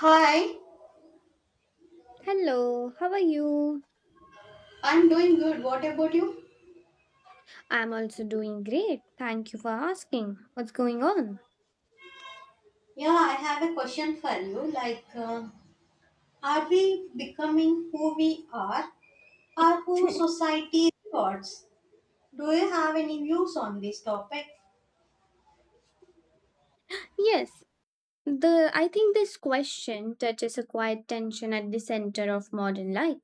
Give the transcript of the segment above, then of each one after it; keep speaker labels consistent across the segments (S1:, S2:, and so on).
S1: Hi,
S2: Hello, how are you?
S1: I'm doing good. What about you?
S2: I'm also doing great. Thank you for asking. What's going on?
S1: Yeah, I have a question for you. Are we becoming who we are or who society rewards? Do you have any views on this topic?
S2: Yes, the I think this question touches a quiet tension at the center of modern life,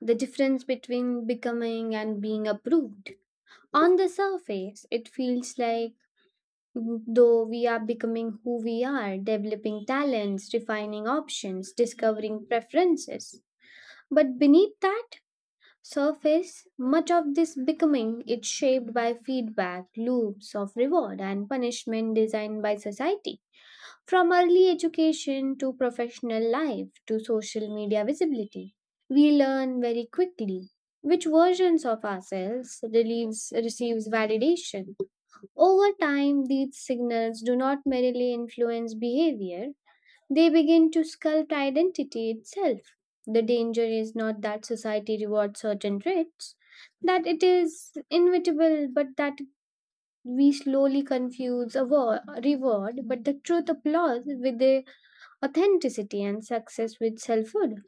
S2: the difference between becoming and being approved. On the surface, it feels like though we are becoming who we are, developing talents, refining options, discovering preferences. But beneath that, surface, much of this becoming is shaped by feedback loops of reward and punishment designed by society, from early education to professional life to social media visibility. We learn very quickly which versions of ourselves relieves, receives validation. Over time, these signals do not merely influence behavior, they begin to sculpt identity itself. The danger is not that society rewards certain traits, that it is inevitable, but that we slowly confuse a war, reward, but the truth applause with the authenticity and success with selfhood.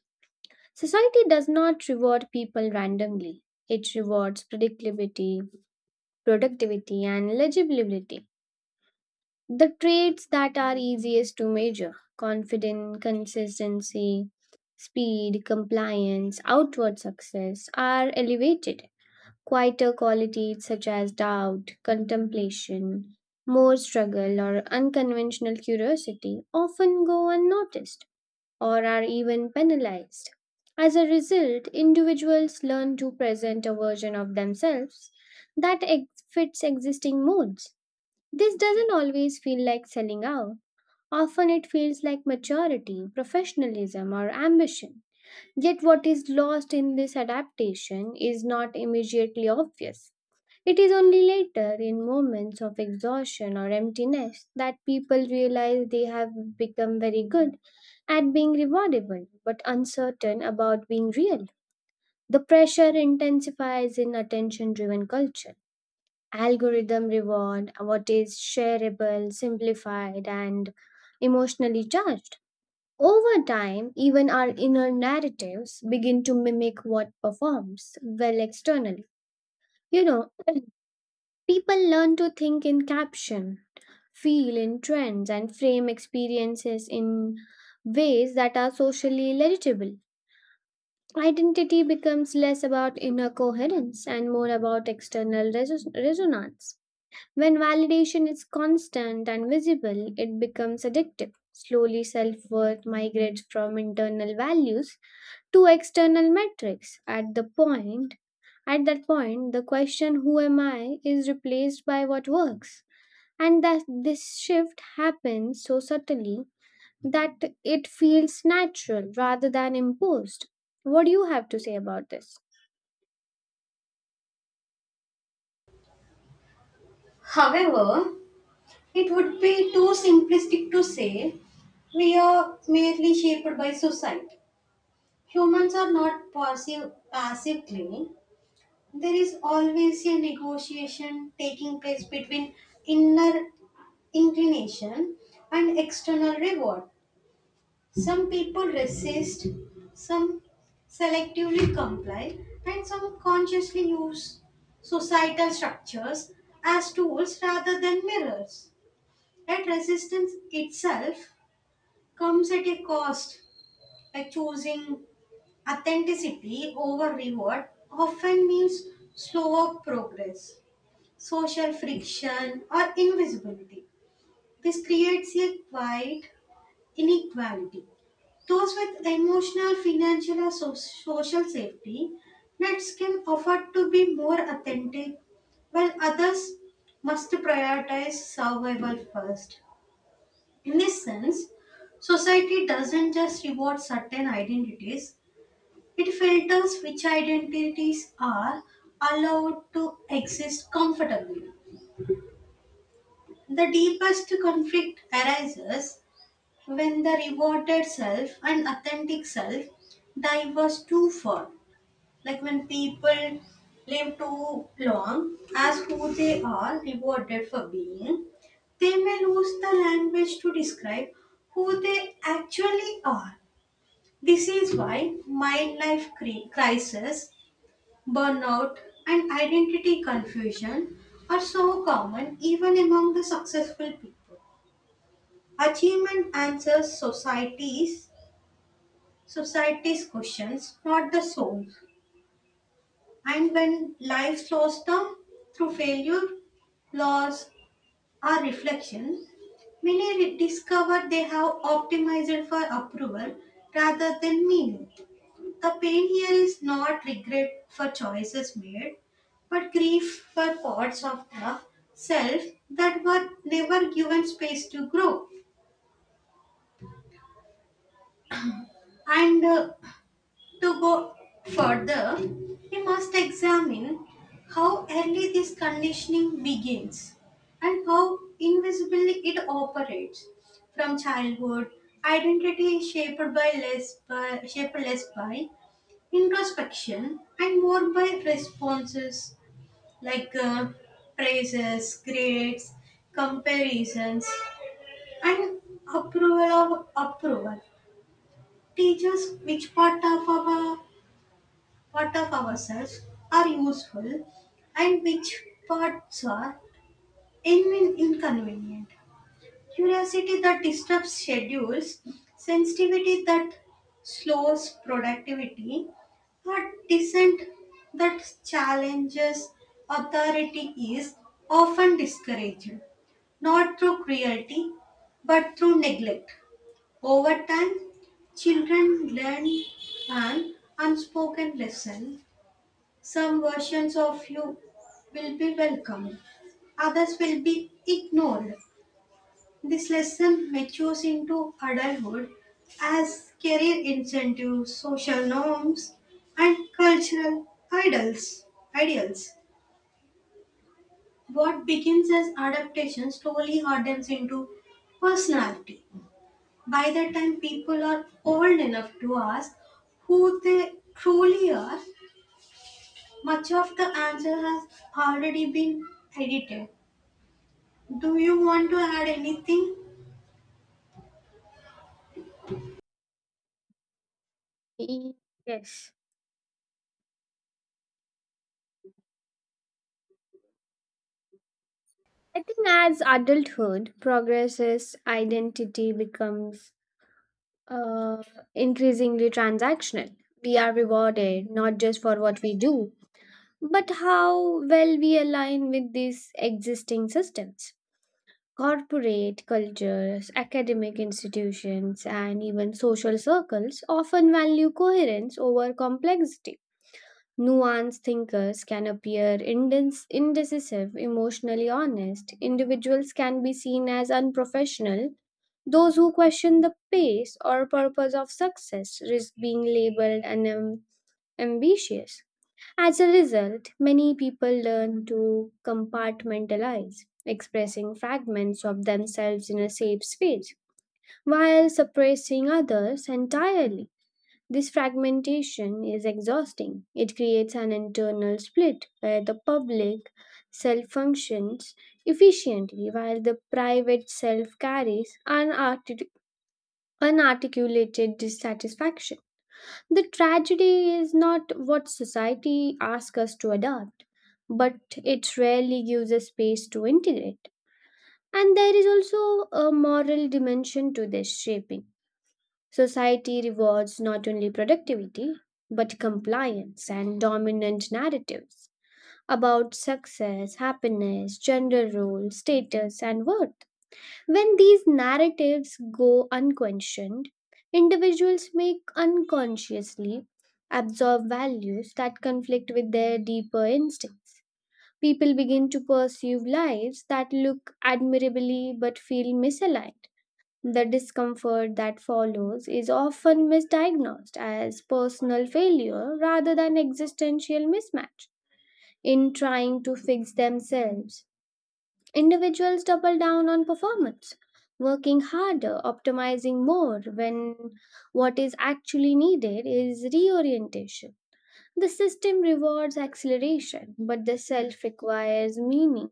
S2: Society does not reward people randomly. It rewards predictability, productivity, and legibility. The traits that are easiest to measure confidence, consistency, speed, compliance, outward success are elevated. Quieter qualities such as doubt, contemplation, more struggle, or unconventional curiosity often go unnoticed or are even penalized. As a result, individuals learn to present a version of themselves that fits existing modes. This doesn't always feel like selling out. Often it feels like maturity, professionalism, or ambition. Yet, what is lost in this adaptation is not immediately obvious. It is only later, in moments of exhaustion or emptiness, that people realize they have become very good at being rewardable but uncertain about being real. The pressure intensifies in attention driven culture. Algorithm reward what is shareable, simplified, and emotionally charged. Over time, even our inner narratives begin to mimic what performs well externally. You know, people learn to think in caption, feel in trends, and frame experiences in ways that are socially legible. Identity becomes less about inner coherence and more about external resonance. When validation is constant and visible, it becomes addictive. Slowly, self worth migrates from internal values to external metrics. At that point, the question "Who am I?" is replaced by "What works," and that this shift happens so subtly that it feels natural rather than imposed. What do you have to say about this?
S1: However, it would be too simplistic to say we are merely shaped by society. Humans are not passively there is always a negotiation taking place between inner inclination and external reward. Some people resist, some selectively comply, and some consciously use societal structures as tools rather than mirrors. That resistance itself comes at a cost, like choosing authenticity over reward often means slower progress, social friction, or invisibility. This creates a quiet inequality. Those with emotional, financial, or social safety nets can afford to be more authentic, while others must prioritize survival first. In this sense, society doesn't just reward certain identities, it filters which identities are allowed to exist comfortably. The deepest conflict arises when the rewarded self and authentic self diverge too far. Like when people live too long as who they are rewarded for being, they may lose the language to describe who they actually are. This is why midlife crisis, burnout, and identity confusion are so common even among the successful people. Achievement answers society's questions, not the soul. And when life slows down through failure, loss, or reflection, many discover they have optimized for approval rather than meaning. The pain here is not regret for choices made, but grief for parts of the self that were never given space to grow. And To go further, we must examine how early this conditioning begins and how invisibly it operates from childhood. Identity is shaped less by introspection and more by responses like uh, praises, grades, comparisons, and approval of approval. Teachers, which part of ourselves are useful and which parts are inconvenient. Curiosity that disrupts schedules, sensitivity that slows productivity, or dissent that challenges authority is often discouraged, not through cruelty but through neglect. Over time, children learn an unspoken lesson, some versions of you will be welcomed, others will be ignored. This lesson matures into adulthood as career incentives, social norms, and cultural idols. Ideals. What begins as adaptation slowly hardens into personality. By the time people are old enough to ask who they truly are, much of the answer has already been edited. Do you want to add anything?
S2: Yes. I think as adulthood progresses, identity becomes uh, increasingly transactional. We are rewarded not just for what we do, but how well we align with these existing systems. Corporate cultures, academic institutions, and even social circles often value coherence over complexity. Nuanced thinkers can appear indecisive, emotionally honest. Individuals can be seen as unprofessional. Those who question the pace or purpose of success risk being labeled ambitious. As a result, many people learn to compartmentalize, expressing fragments of themselves in a safe space, while suppressing others entirely. This fragmentation is exhausting. It creates an internal split where the public self functions efficiently while the private self carries unarticulated dissatisfaction. The tragedy is not what society asks us to adopt, but it rarely gives us space to integrate. And there is also a moral dimension to this shaping. Society rewards not only productivity, but compliance and dominant narratives about success, happiness, gender role, status, and worth. When these narratives go unquestioned, individuals may unconsciously absorb values that conflict with their deeper instincts. People begin to pursue lives that look admirably but feel misaligned. The discomfort that follows is often misdiagnosed as personal failure rather than existential mismatch. In trying to fix themselves, individuals double down on performance, working harder, optimizing more when what is actually needed is reorientation. The system rewards acceleration, but the self requires meaning,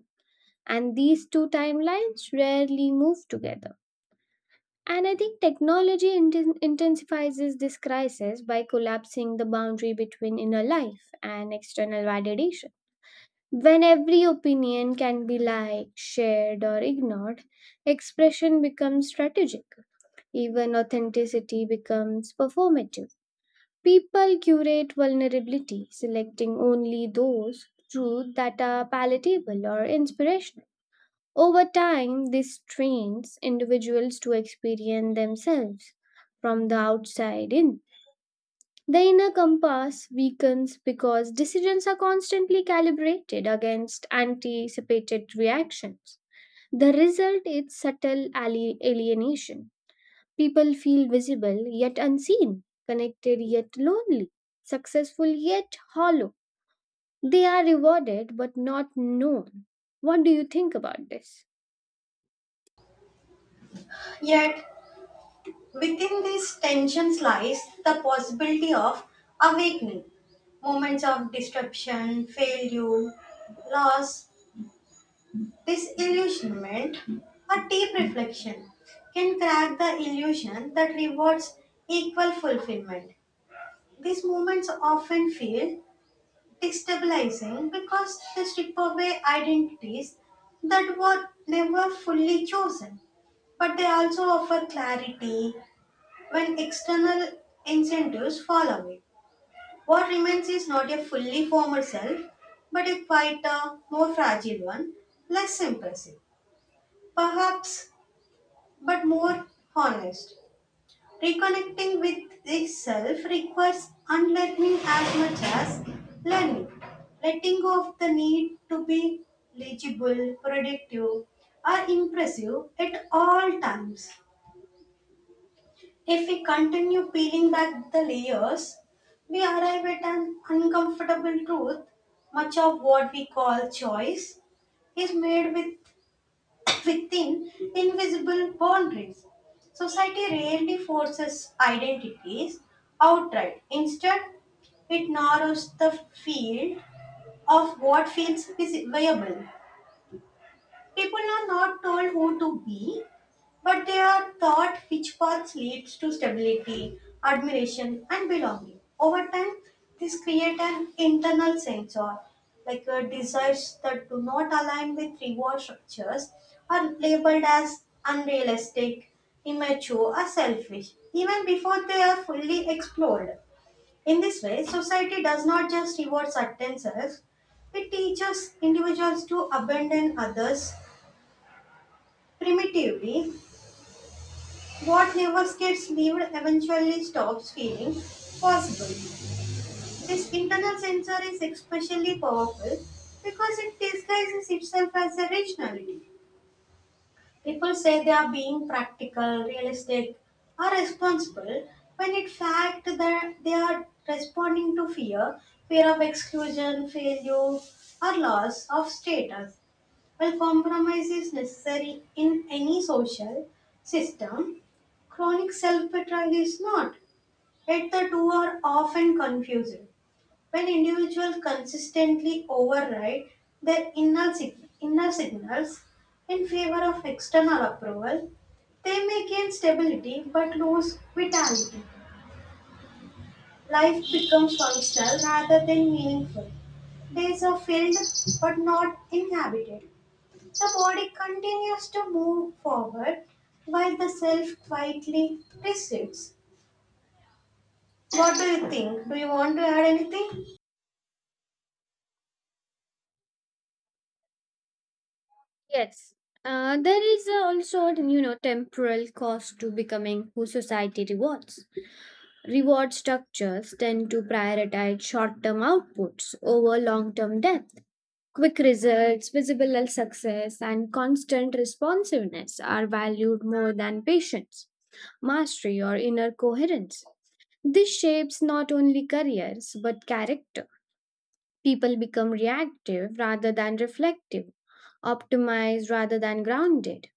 S2: and these two timelines rarely move together. And I think technology intensifies this crisis by collapsing the boundary between inner life and external validation. When every opinion can be liked, shared, or ignored, expression becomes strategic. Even authenticity becomes performative. People curate vulnerability, selecting only those truths that are palatable or inspirational. Over time, this trains individuals to experience themselves from the outside in. The inner compass weakens because decisions are constantly calibrated against anticipated reactions. The result is subtle alienation. People feel visible yet unseen, connected yet lonely, successful yet hollow. They are rewarded but not known. What do you think about this?
S1: Yet, within this tensions lies the possibility of awakening, moments of disruption, failure, loss, disillusionment, or deep reflection can crack the illusion that rewards equal fulfillment. These moments often feel destabilizing because they strip away identities that were never fully chosen, but they also offer clarity when external incentives fall away. What remains is not a fully formed self, but a quieter, more fragile one, less impressive, perhaps, but more honest. Reconnecting with this self requires unlearning as much as learning, letting go of the need to be legible, productive, or impressive at all times. If we continue peeling back the layers, we arrive at an uncomfortable truth. Much of what we call choice is made within invisible boundaries. Society rarely forces identities outright. Instead, it narrows the field of what feels viable. People are not told who to be, but they are taught which path leads to stability, admiration, and belonging. Over time, this creates an internal sensor, desires that do not align with reward structures are labeled as unrealistic, immature, or selfish, even before they are fully explored. In this way, society does not just reward certain selves, it teaches individuals to abandon others. Primitively, what never gets lived eventually stops feeling possible. This internal sensor is especially powerful because it disguises itself as a rationality. People say they are being practical, realistic, or responsible when in fact that they are responding to fear, fear of exclusion, failure, or loss of status. While compromise is necessary in any social system, chronic self betrayal is not. Yet the two are often confused. When individuals consistently override their inner signals in favor of external approval, they may gain stability but lose vitality. Life becomes functional rather than meaningful. Days are filled but not inhabited. The body continues to move forward while the self quietly recedes. What do you think? Do you want to add anything?
S2: Yes. There is also, temporal cost to becoming who society rewards. Reward structures tend to prioritize short-term outputs over long-term depth. Quick results, visible success, and constant responsiveness are valued more than patience, mastery, or inner coherence. This shapes not only careers but character. People become reactive rather than reflective, optimized rather than grounded.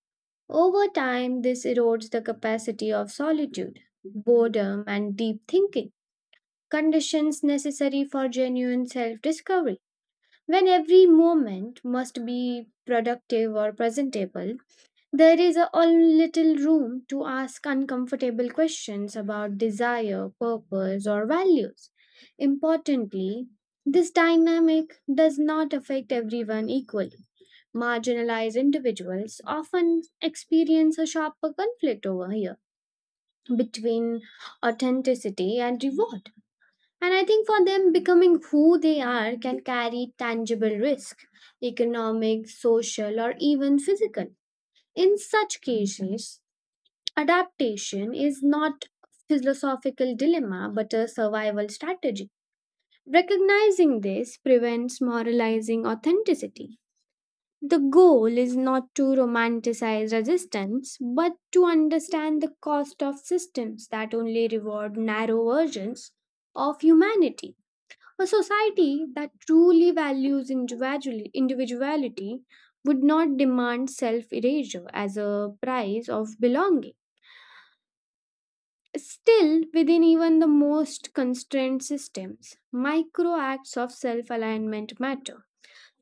S2: Over time, this erodes the capacity of solitude, boredom, and deep thinking, conditions necessary for genuine self discovery. When every moment must be productive or presentable, there is a all little room to ask uncomfortable questions about desire, purpose, or values. Importantly, this dynamic does not affect everyone equally. Marginalized individuals often experience a sharper conflict over here between authenticity and reward. And I think for them, becoming who they are can carry tangible risk economic, social, or even physical. In such cases, adaptation is not a philosophical dilemma but a survival strategy. Recognizing this prevents moralizing authenticity. The goal is not to romanticize resistance, but to understand the cost of systems that only reward narrow versions of humanity. A society that truly values individuality would not demand self erasure as a price of belonging. Still, within even the most constrained systems, micro acts of self alignment matter.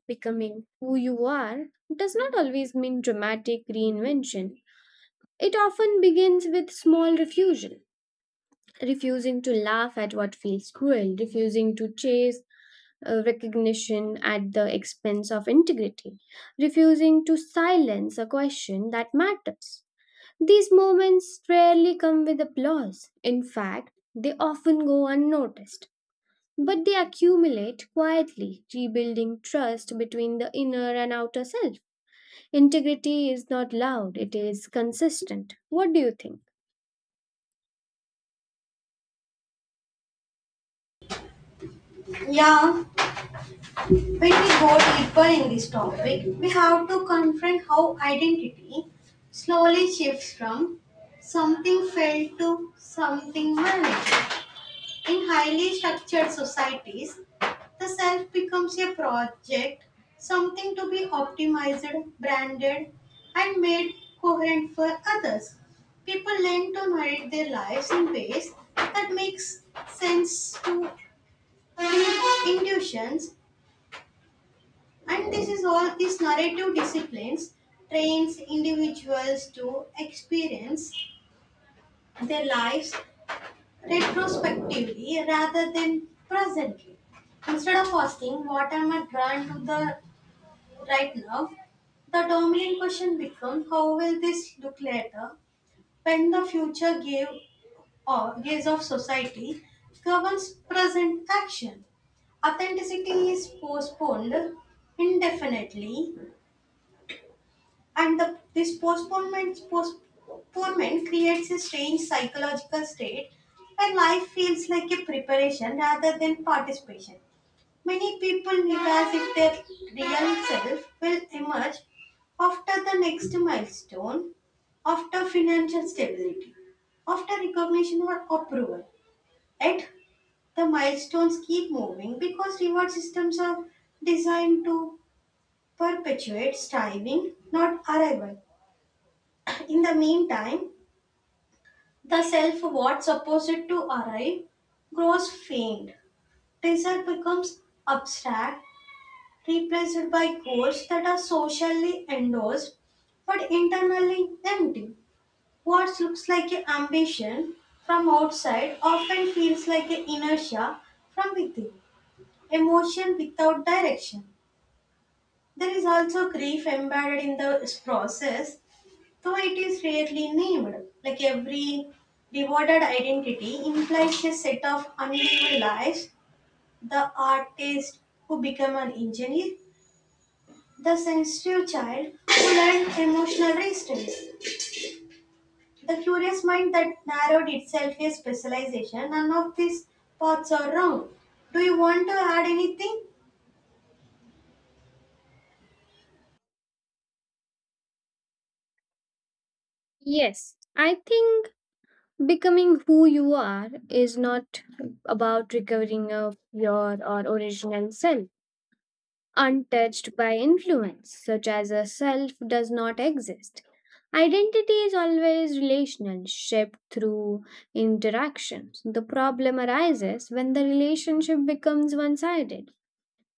S2: Becoming who you are does not always mean dramatic reinvention. It often begins with small refusal, refusing to laugh at what feels cruel, refusing to chase recognition at the expense of integrity, refusing to silence a question that matters. These moments rarely come with applause. In fact, they often go unnoticed. But they accumulate quietly, rebuilding trust between the inner and outer self. Integrity is not loud, it is consistent. What do you think?
S1: Yeah, when we go deeper in this topic, we have to confront how identity slowly shifts from something felt to something managed. In highly structured societies, the self becomes a project, something to be optimized, branded, and made coherent for others. People learn to narrate their lives in ways that makes sense to deep intuitions, and this is all these narrative disciplines trains individuals to experience their lives retrospectively rather than presently. Instead of asking what am I drawn to the right now, the dominant question becomes how will this look later when the future gave or gaze of society governs present action. Authenticity is postponed indefinitely and the, this postponement postponement creates a strange psychological state where life feels like a preparation rather than participation. Many people live as if their real self will emerge after the next milestone, after financial stability, after recognition or approval. Yet the milestones keep moving because reward systems are designed to perpetuate striving, not arrival. In the meantime, the self what's supposed to arrive grows faint. Desire becomes abstract, replaced by goals that are socially endorsed but internally empty. What looks like an ambition from outside often feels like an inertia from within, emotion without direction. There is also grief embedded in this process. Though it is rarely named, like every rewarded identity implies a set of unlived lives, the artist who became an engineer, the sensitive child who learned emotional resistance, the curious mind that narrowed itself a specialization, none of these paths are wrong. Do you want to add anything?
S2: Yes, I think becoming who you are is not about recovering of your or original self, untouched by influence, such as a self does not exist. Identity is always relational, shaped through interactions. The problem arises when the relationship becomes one sided.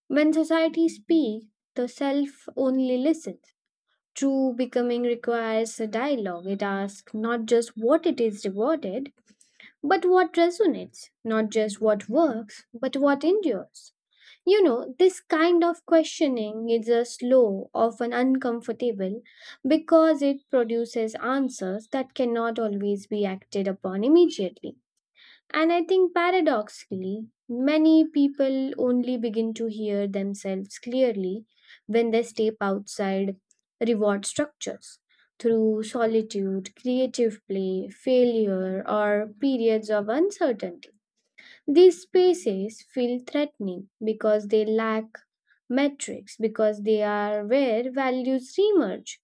S2: When society speaks, the self only listens. True becoming requires a dialogue. It asks not just what it is rewarded, but what resonates, not just what works, but what endures. This kind of questioning is a slow, often uncomfortable, because it produces answers that cannot always be acted upon immediately. And I think paradoxically, many people only begin to hear themselves clearly when they step outside reward structures through solitude, creative play, failure, or periods of uncertainty. These spaces feel threatening because they lack metrics, because they are where values reemerge.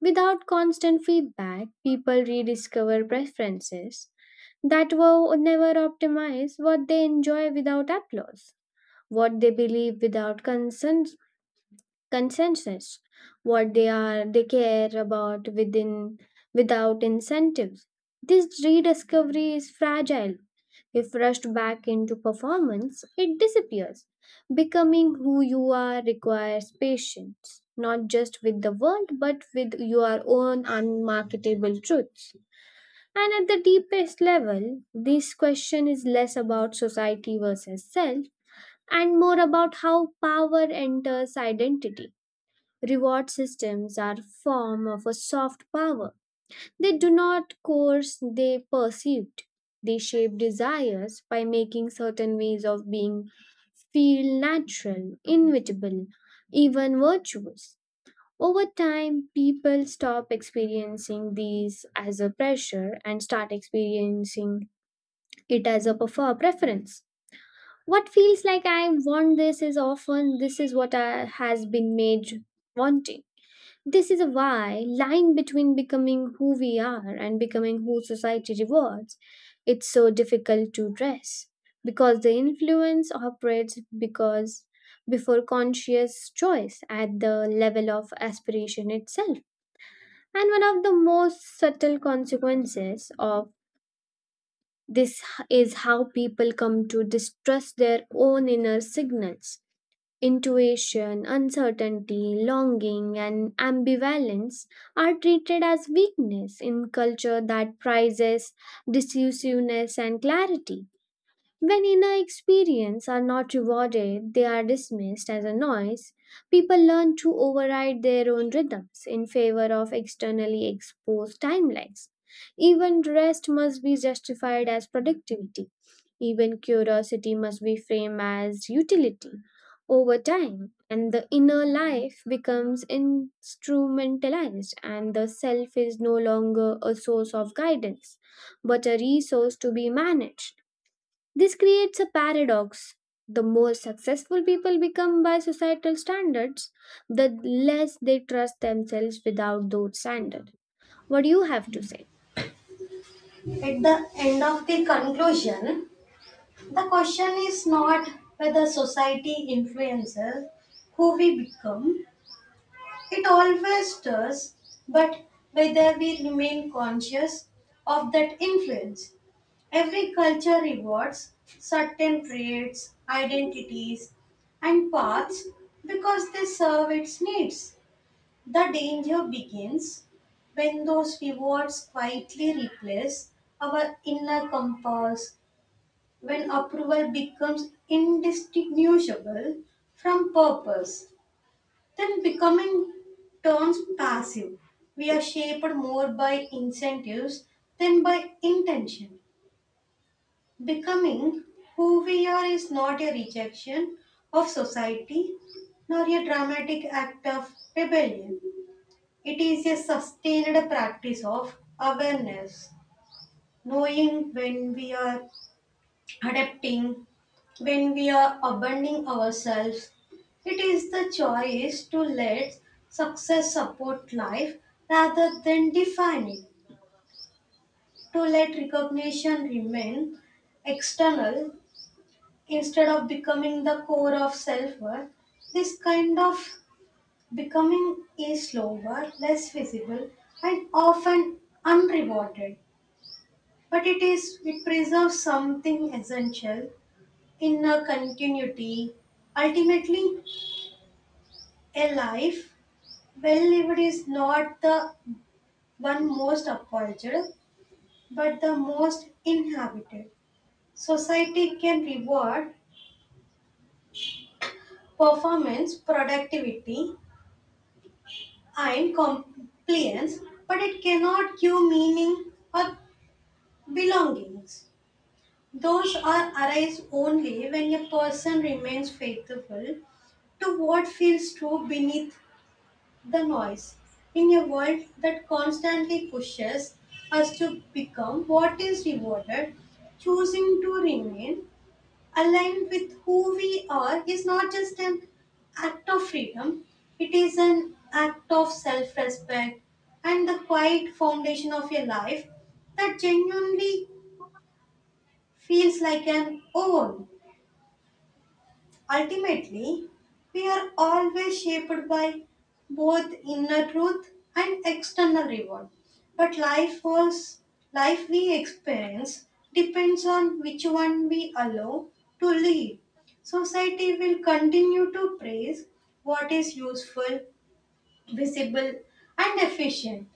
S2: Without constant feedback, people rediscover preferences that will never optimize what they enjoy without applause, what they believe without consensus, what they care about within without incentives. This rediscovery is fragile. If rushed back into performance, it disappears. Becoming who you are requires patience, not just with the world, but with your own unmarketable truths. And at the deepest level, this question is less about society versus self and more about how power enters identity. Reward systems are form of a soft power. They do not coerce, they perceived. They shape desires by making certain ways of being feel natural, inevitable, even virtuous. Over time, people stop experiencing these as a pressure and start experiencing it as a preference. What feels like I want this is often this is what I, has been made wanting. This is a why line between becoming who we are and becoming who society rewards. It's so difficult to trace because the influence operates because before conscious choice at the level of aspiration itself. And one of the most subtle consequences of this is how people come to distrust their own inner signals. Intuition, uncertainty, longing, and ambivalence are treated as weakness in culture that prizes decisiveness and clarity. When inner experiences are not rewarded, they are dismissed as a noise. People learn to override their own rhythms in favor of externally exposed timelines. Even rest must be justified as productivity. Even curiosity must be framed as utility over time. And the inner life becomes instrumentalized, and the self is no longer a source of guidance, but a resource to be managed. This creates a paradox. The more successful people become by societal standards, the less they trust themselves without those standards. What do you have to say?
S1: At the end of the conclusion, the question is not whether society influences who we become, it always does, but whether we remain conscious of that influence. Every culture rewards certain traits, identities, and paths because they serve its needs. The danger begins when those rewards quietly replace our inner compass, when approval becomes indistinguishable from purpose. Then becoming turns passive. We are shaped more by incentives than by intention. Becoming who we are is not a rejection of society nor a dramatic act of rebellion. It is a sustained practice of awareness, knowing when we are adapting, when we are abandoning ourselves. It is the choice to let success support life rather than define it, to let recognition remain external instead of becoming the core of self worth. This kind of becoming is slower, less visible, and often unrewarded, but it preserves something essential in a continuity. Ultimately, a life well lived is not the one most apologized, but the most inhabited. Society can reward performance, productivity, and compliance, but it cannot give meaning or belongings. Those are arise only when a person remains faithful to what feels true beneath the noise. In a world that constantly pushes us to become what is rewarded, choosing to remain aligned with who we are is not just an act of freedom, it is an act of self respect and the quiet foundation of a life that genuinely feels like an own. Ultimately, we are always shaped by both inner truth and external reward. But life we experience depends on which one we allow to lead. Society will continue to praise what is useful, visible, and efficient,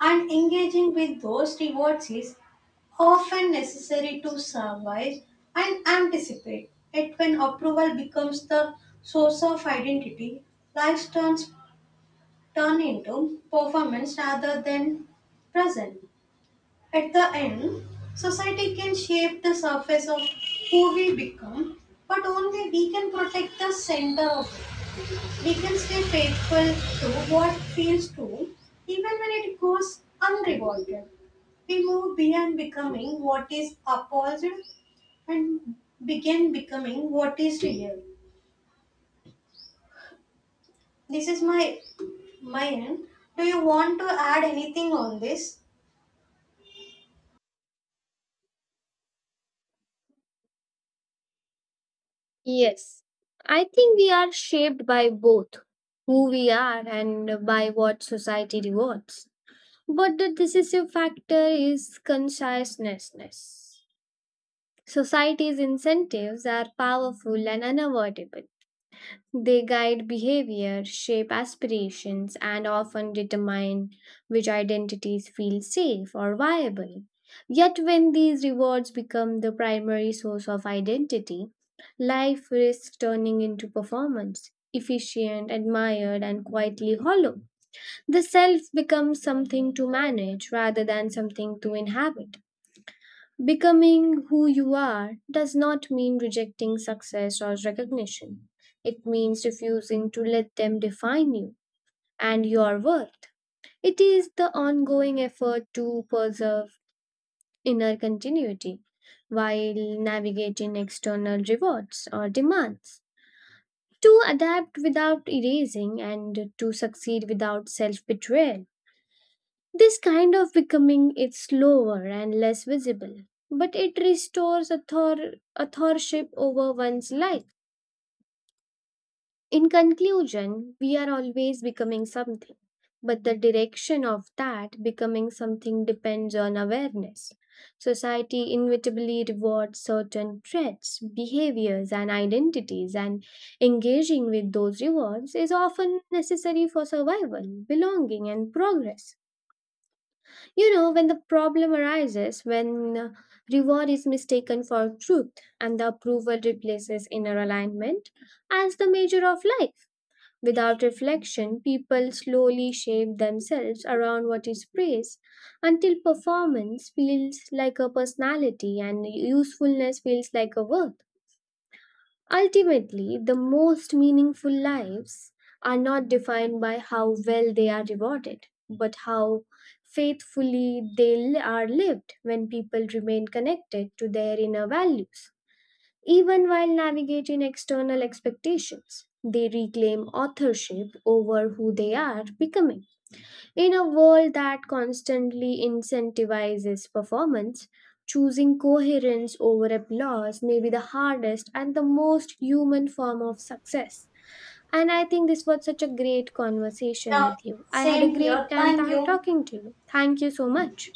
S1: and engaging with those rewards is often necessary to survive and anticipate it. When approval becomes the source of identity, life turns turn into performance rather than present. At the end, society can shape the surface of who we become, but only we can protect the center of, we can stay faithful to what feels true, even when it goes unrewarded. We move beyond becoming what is applauded and begin becoming what is real. This is my end. Do you want to add anything on this?
S2: Yes, I think we are shaped by both who we are and by what society rewards. But the decisive factor is consciousness. Society's incentives are powerful and unavoidable. They guide behavior, shape aspirations, and often determine which identities feel safe or viable. Yet, when these rewards become the primary source of identity, life risks turning into performance, efficient, admired, and quietly hollow. The self becomes something to manage rather than something to inhabit. Becoming who you are does not mean rejecting success or recognition. It means refusing to let them define you and your worth. It is the ongoing effort to preserve inner continuity while navigating external rewards or demands, to adapt without erasing and to succeed without self betrayal. This kind of becoming is slower and less visible, but it restores authorship over one's life. In conclusion, we are always becoming something, but the direction of that becoming something depends on awareness. Society inevitably rewards certain traits, behaviors, and identities, and engaging with those rewards is often necessary for survival, belonging, and progress. When the problem arises, when reward is mistaken for truth and the approval replaces inner alignment as the measure of life. Without reflection, people slowly shape themselves around what is praised until performance feels like a personality and usefulness feels like a work. Ultimately, the most meaningful lives are not defined by how well they are rewarded, but how faithfully are lived when people remain connected to their inner values. Even while navigating external expectations, they reclaim authorship over who they are becoming. In a world that constantly incentivizes performance, choosing coherence over applause may be the hardest and the most human form of success. And I think this was such a great conversation
S1: Yeah,
S2: with you. I had a
S1: same
S2: great
S1: here.
S2: time
S1: Thank you.
S2: talking to you. Thank you so much.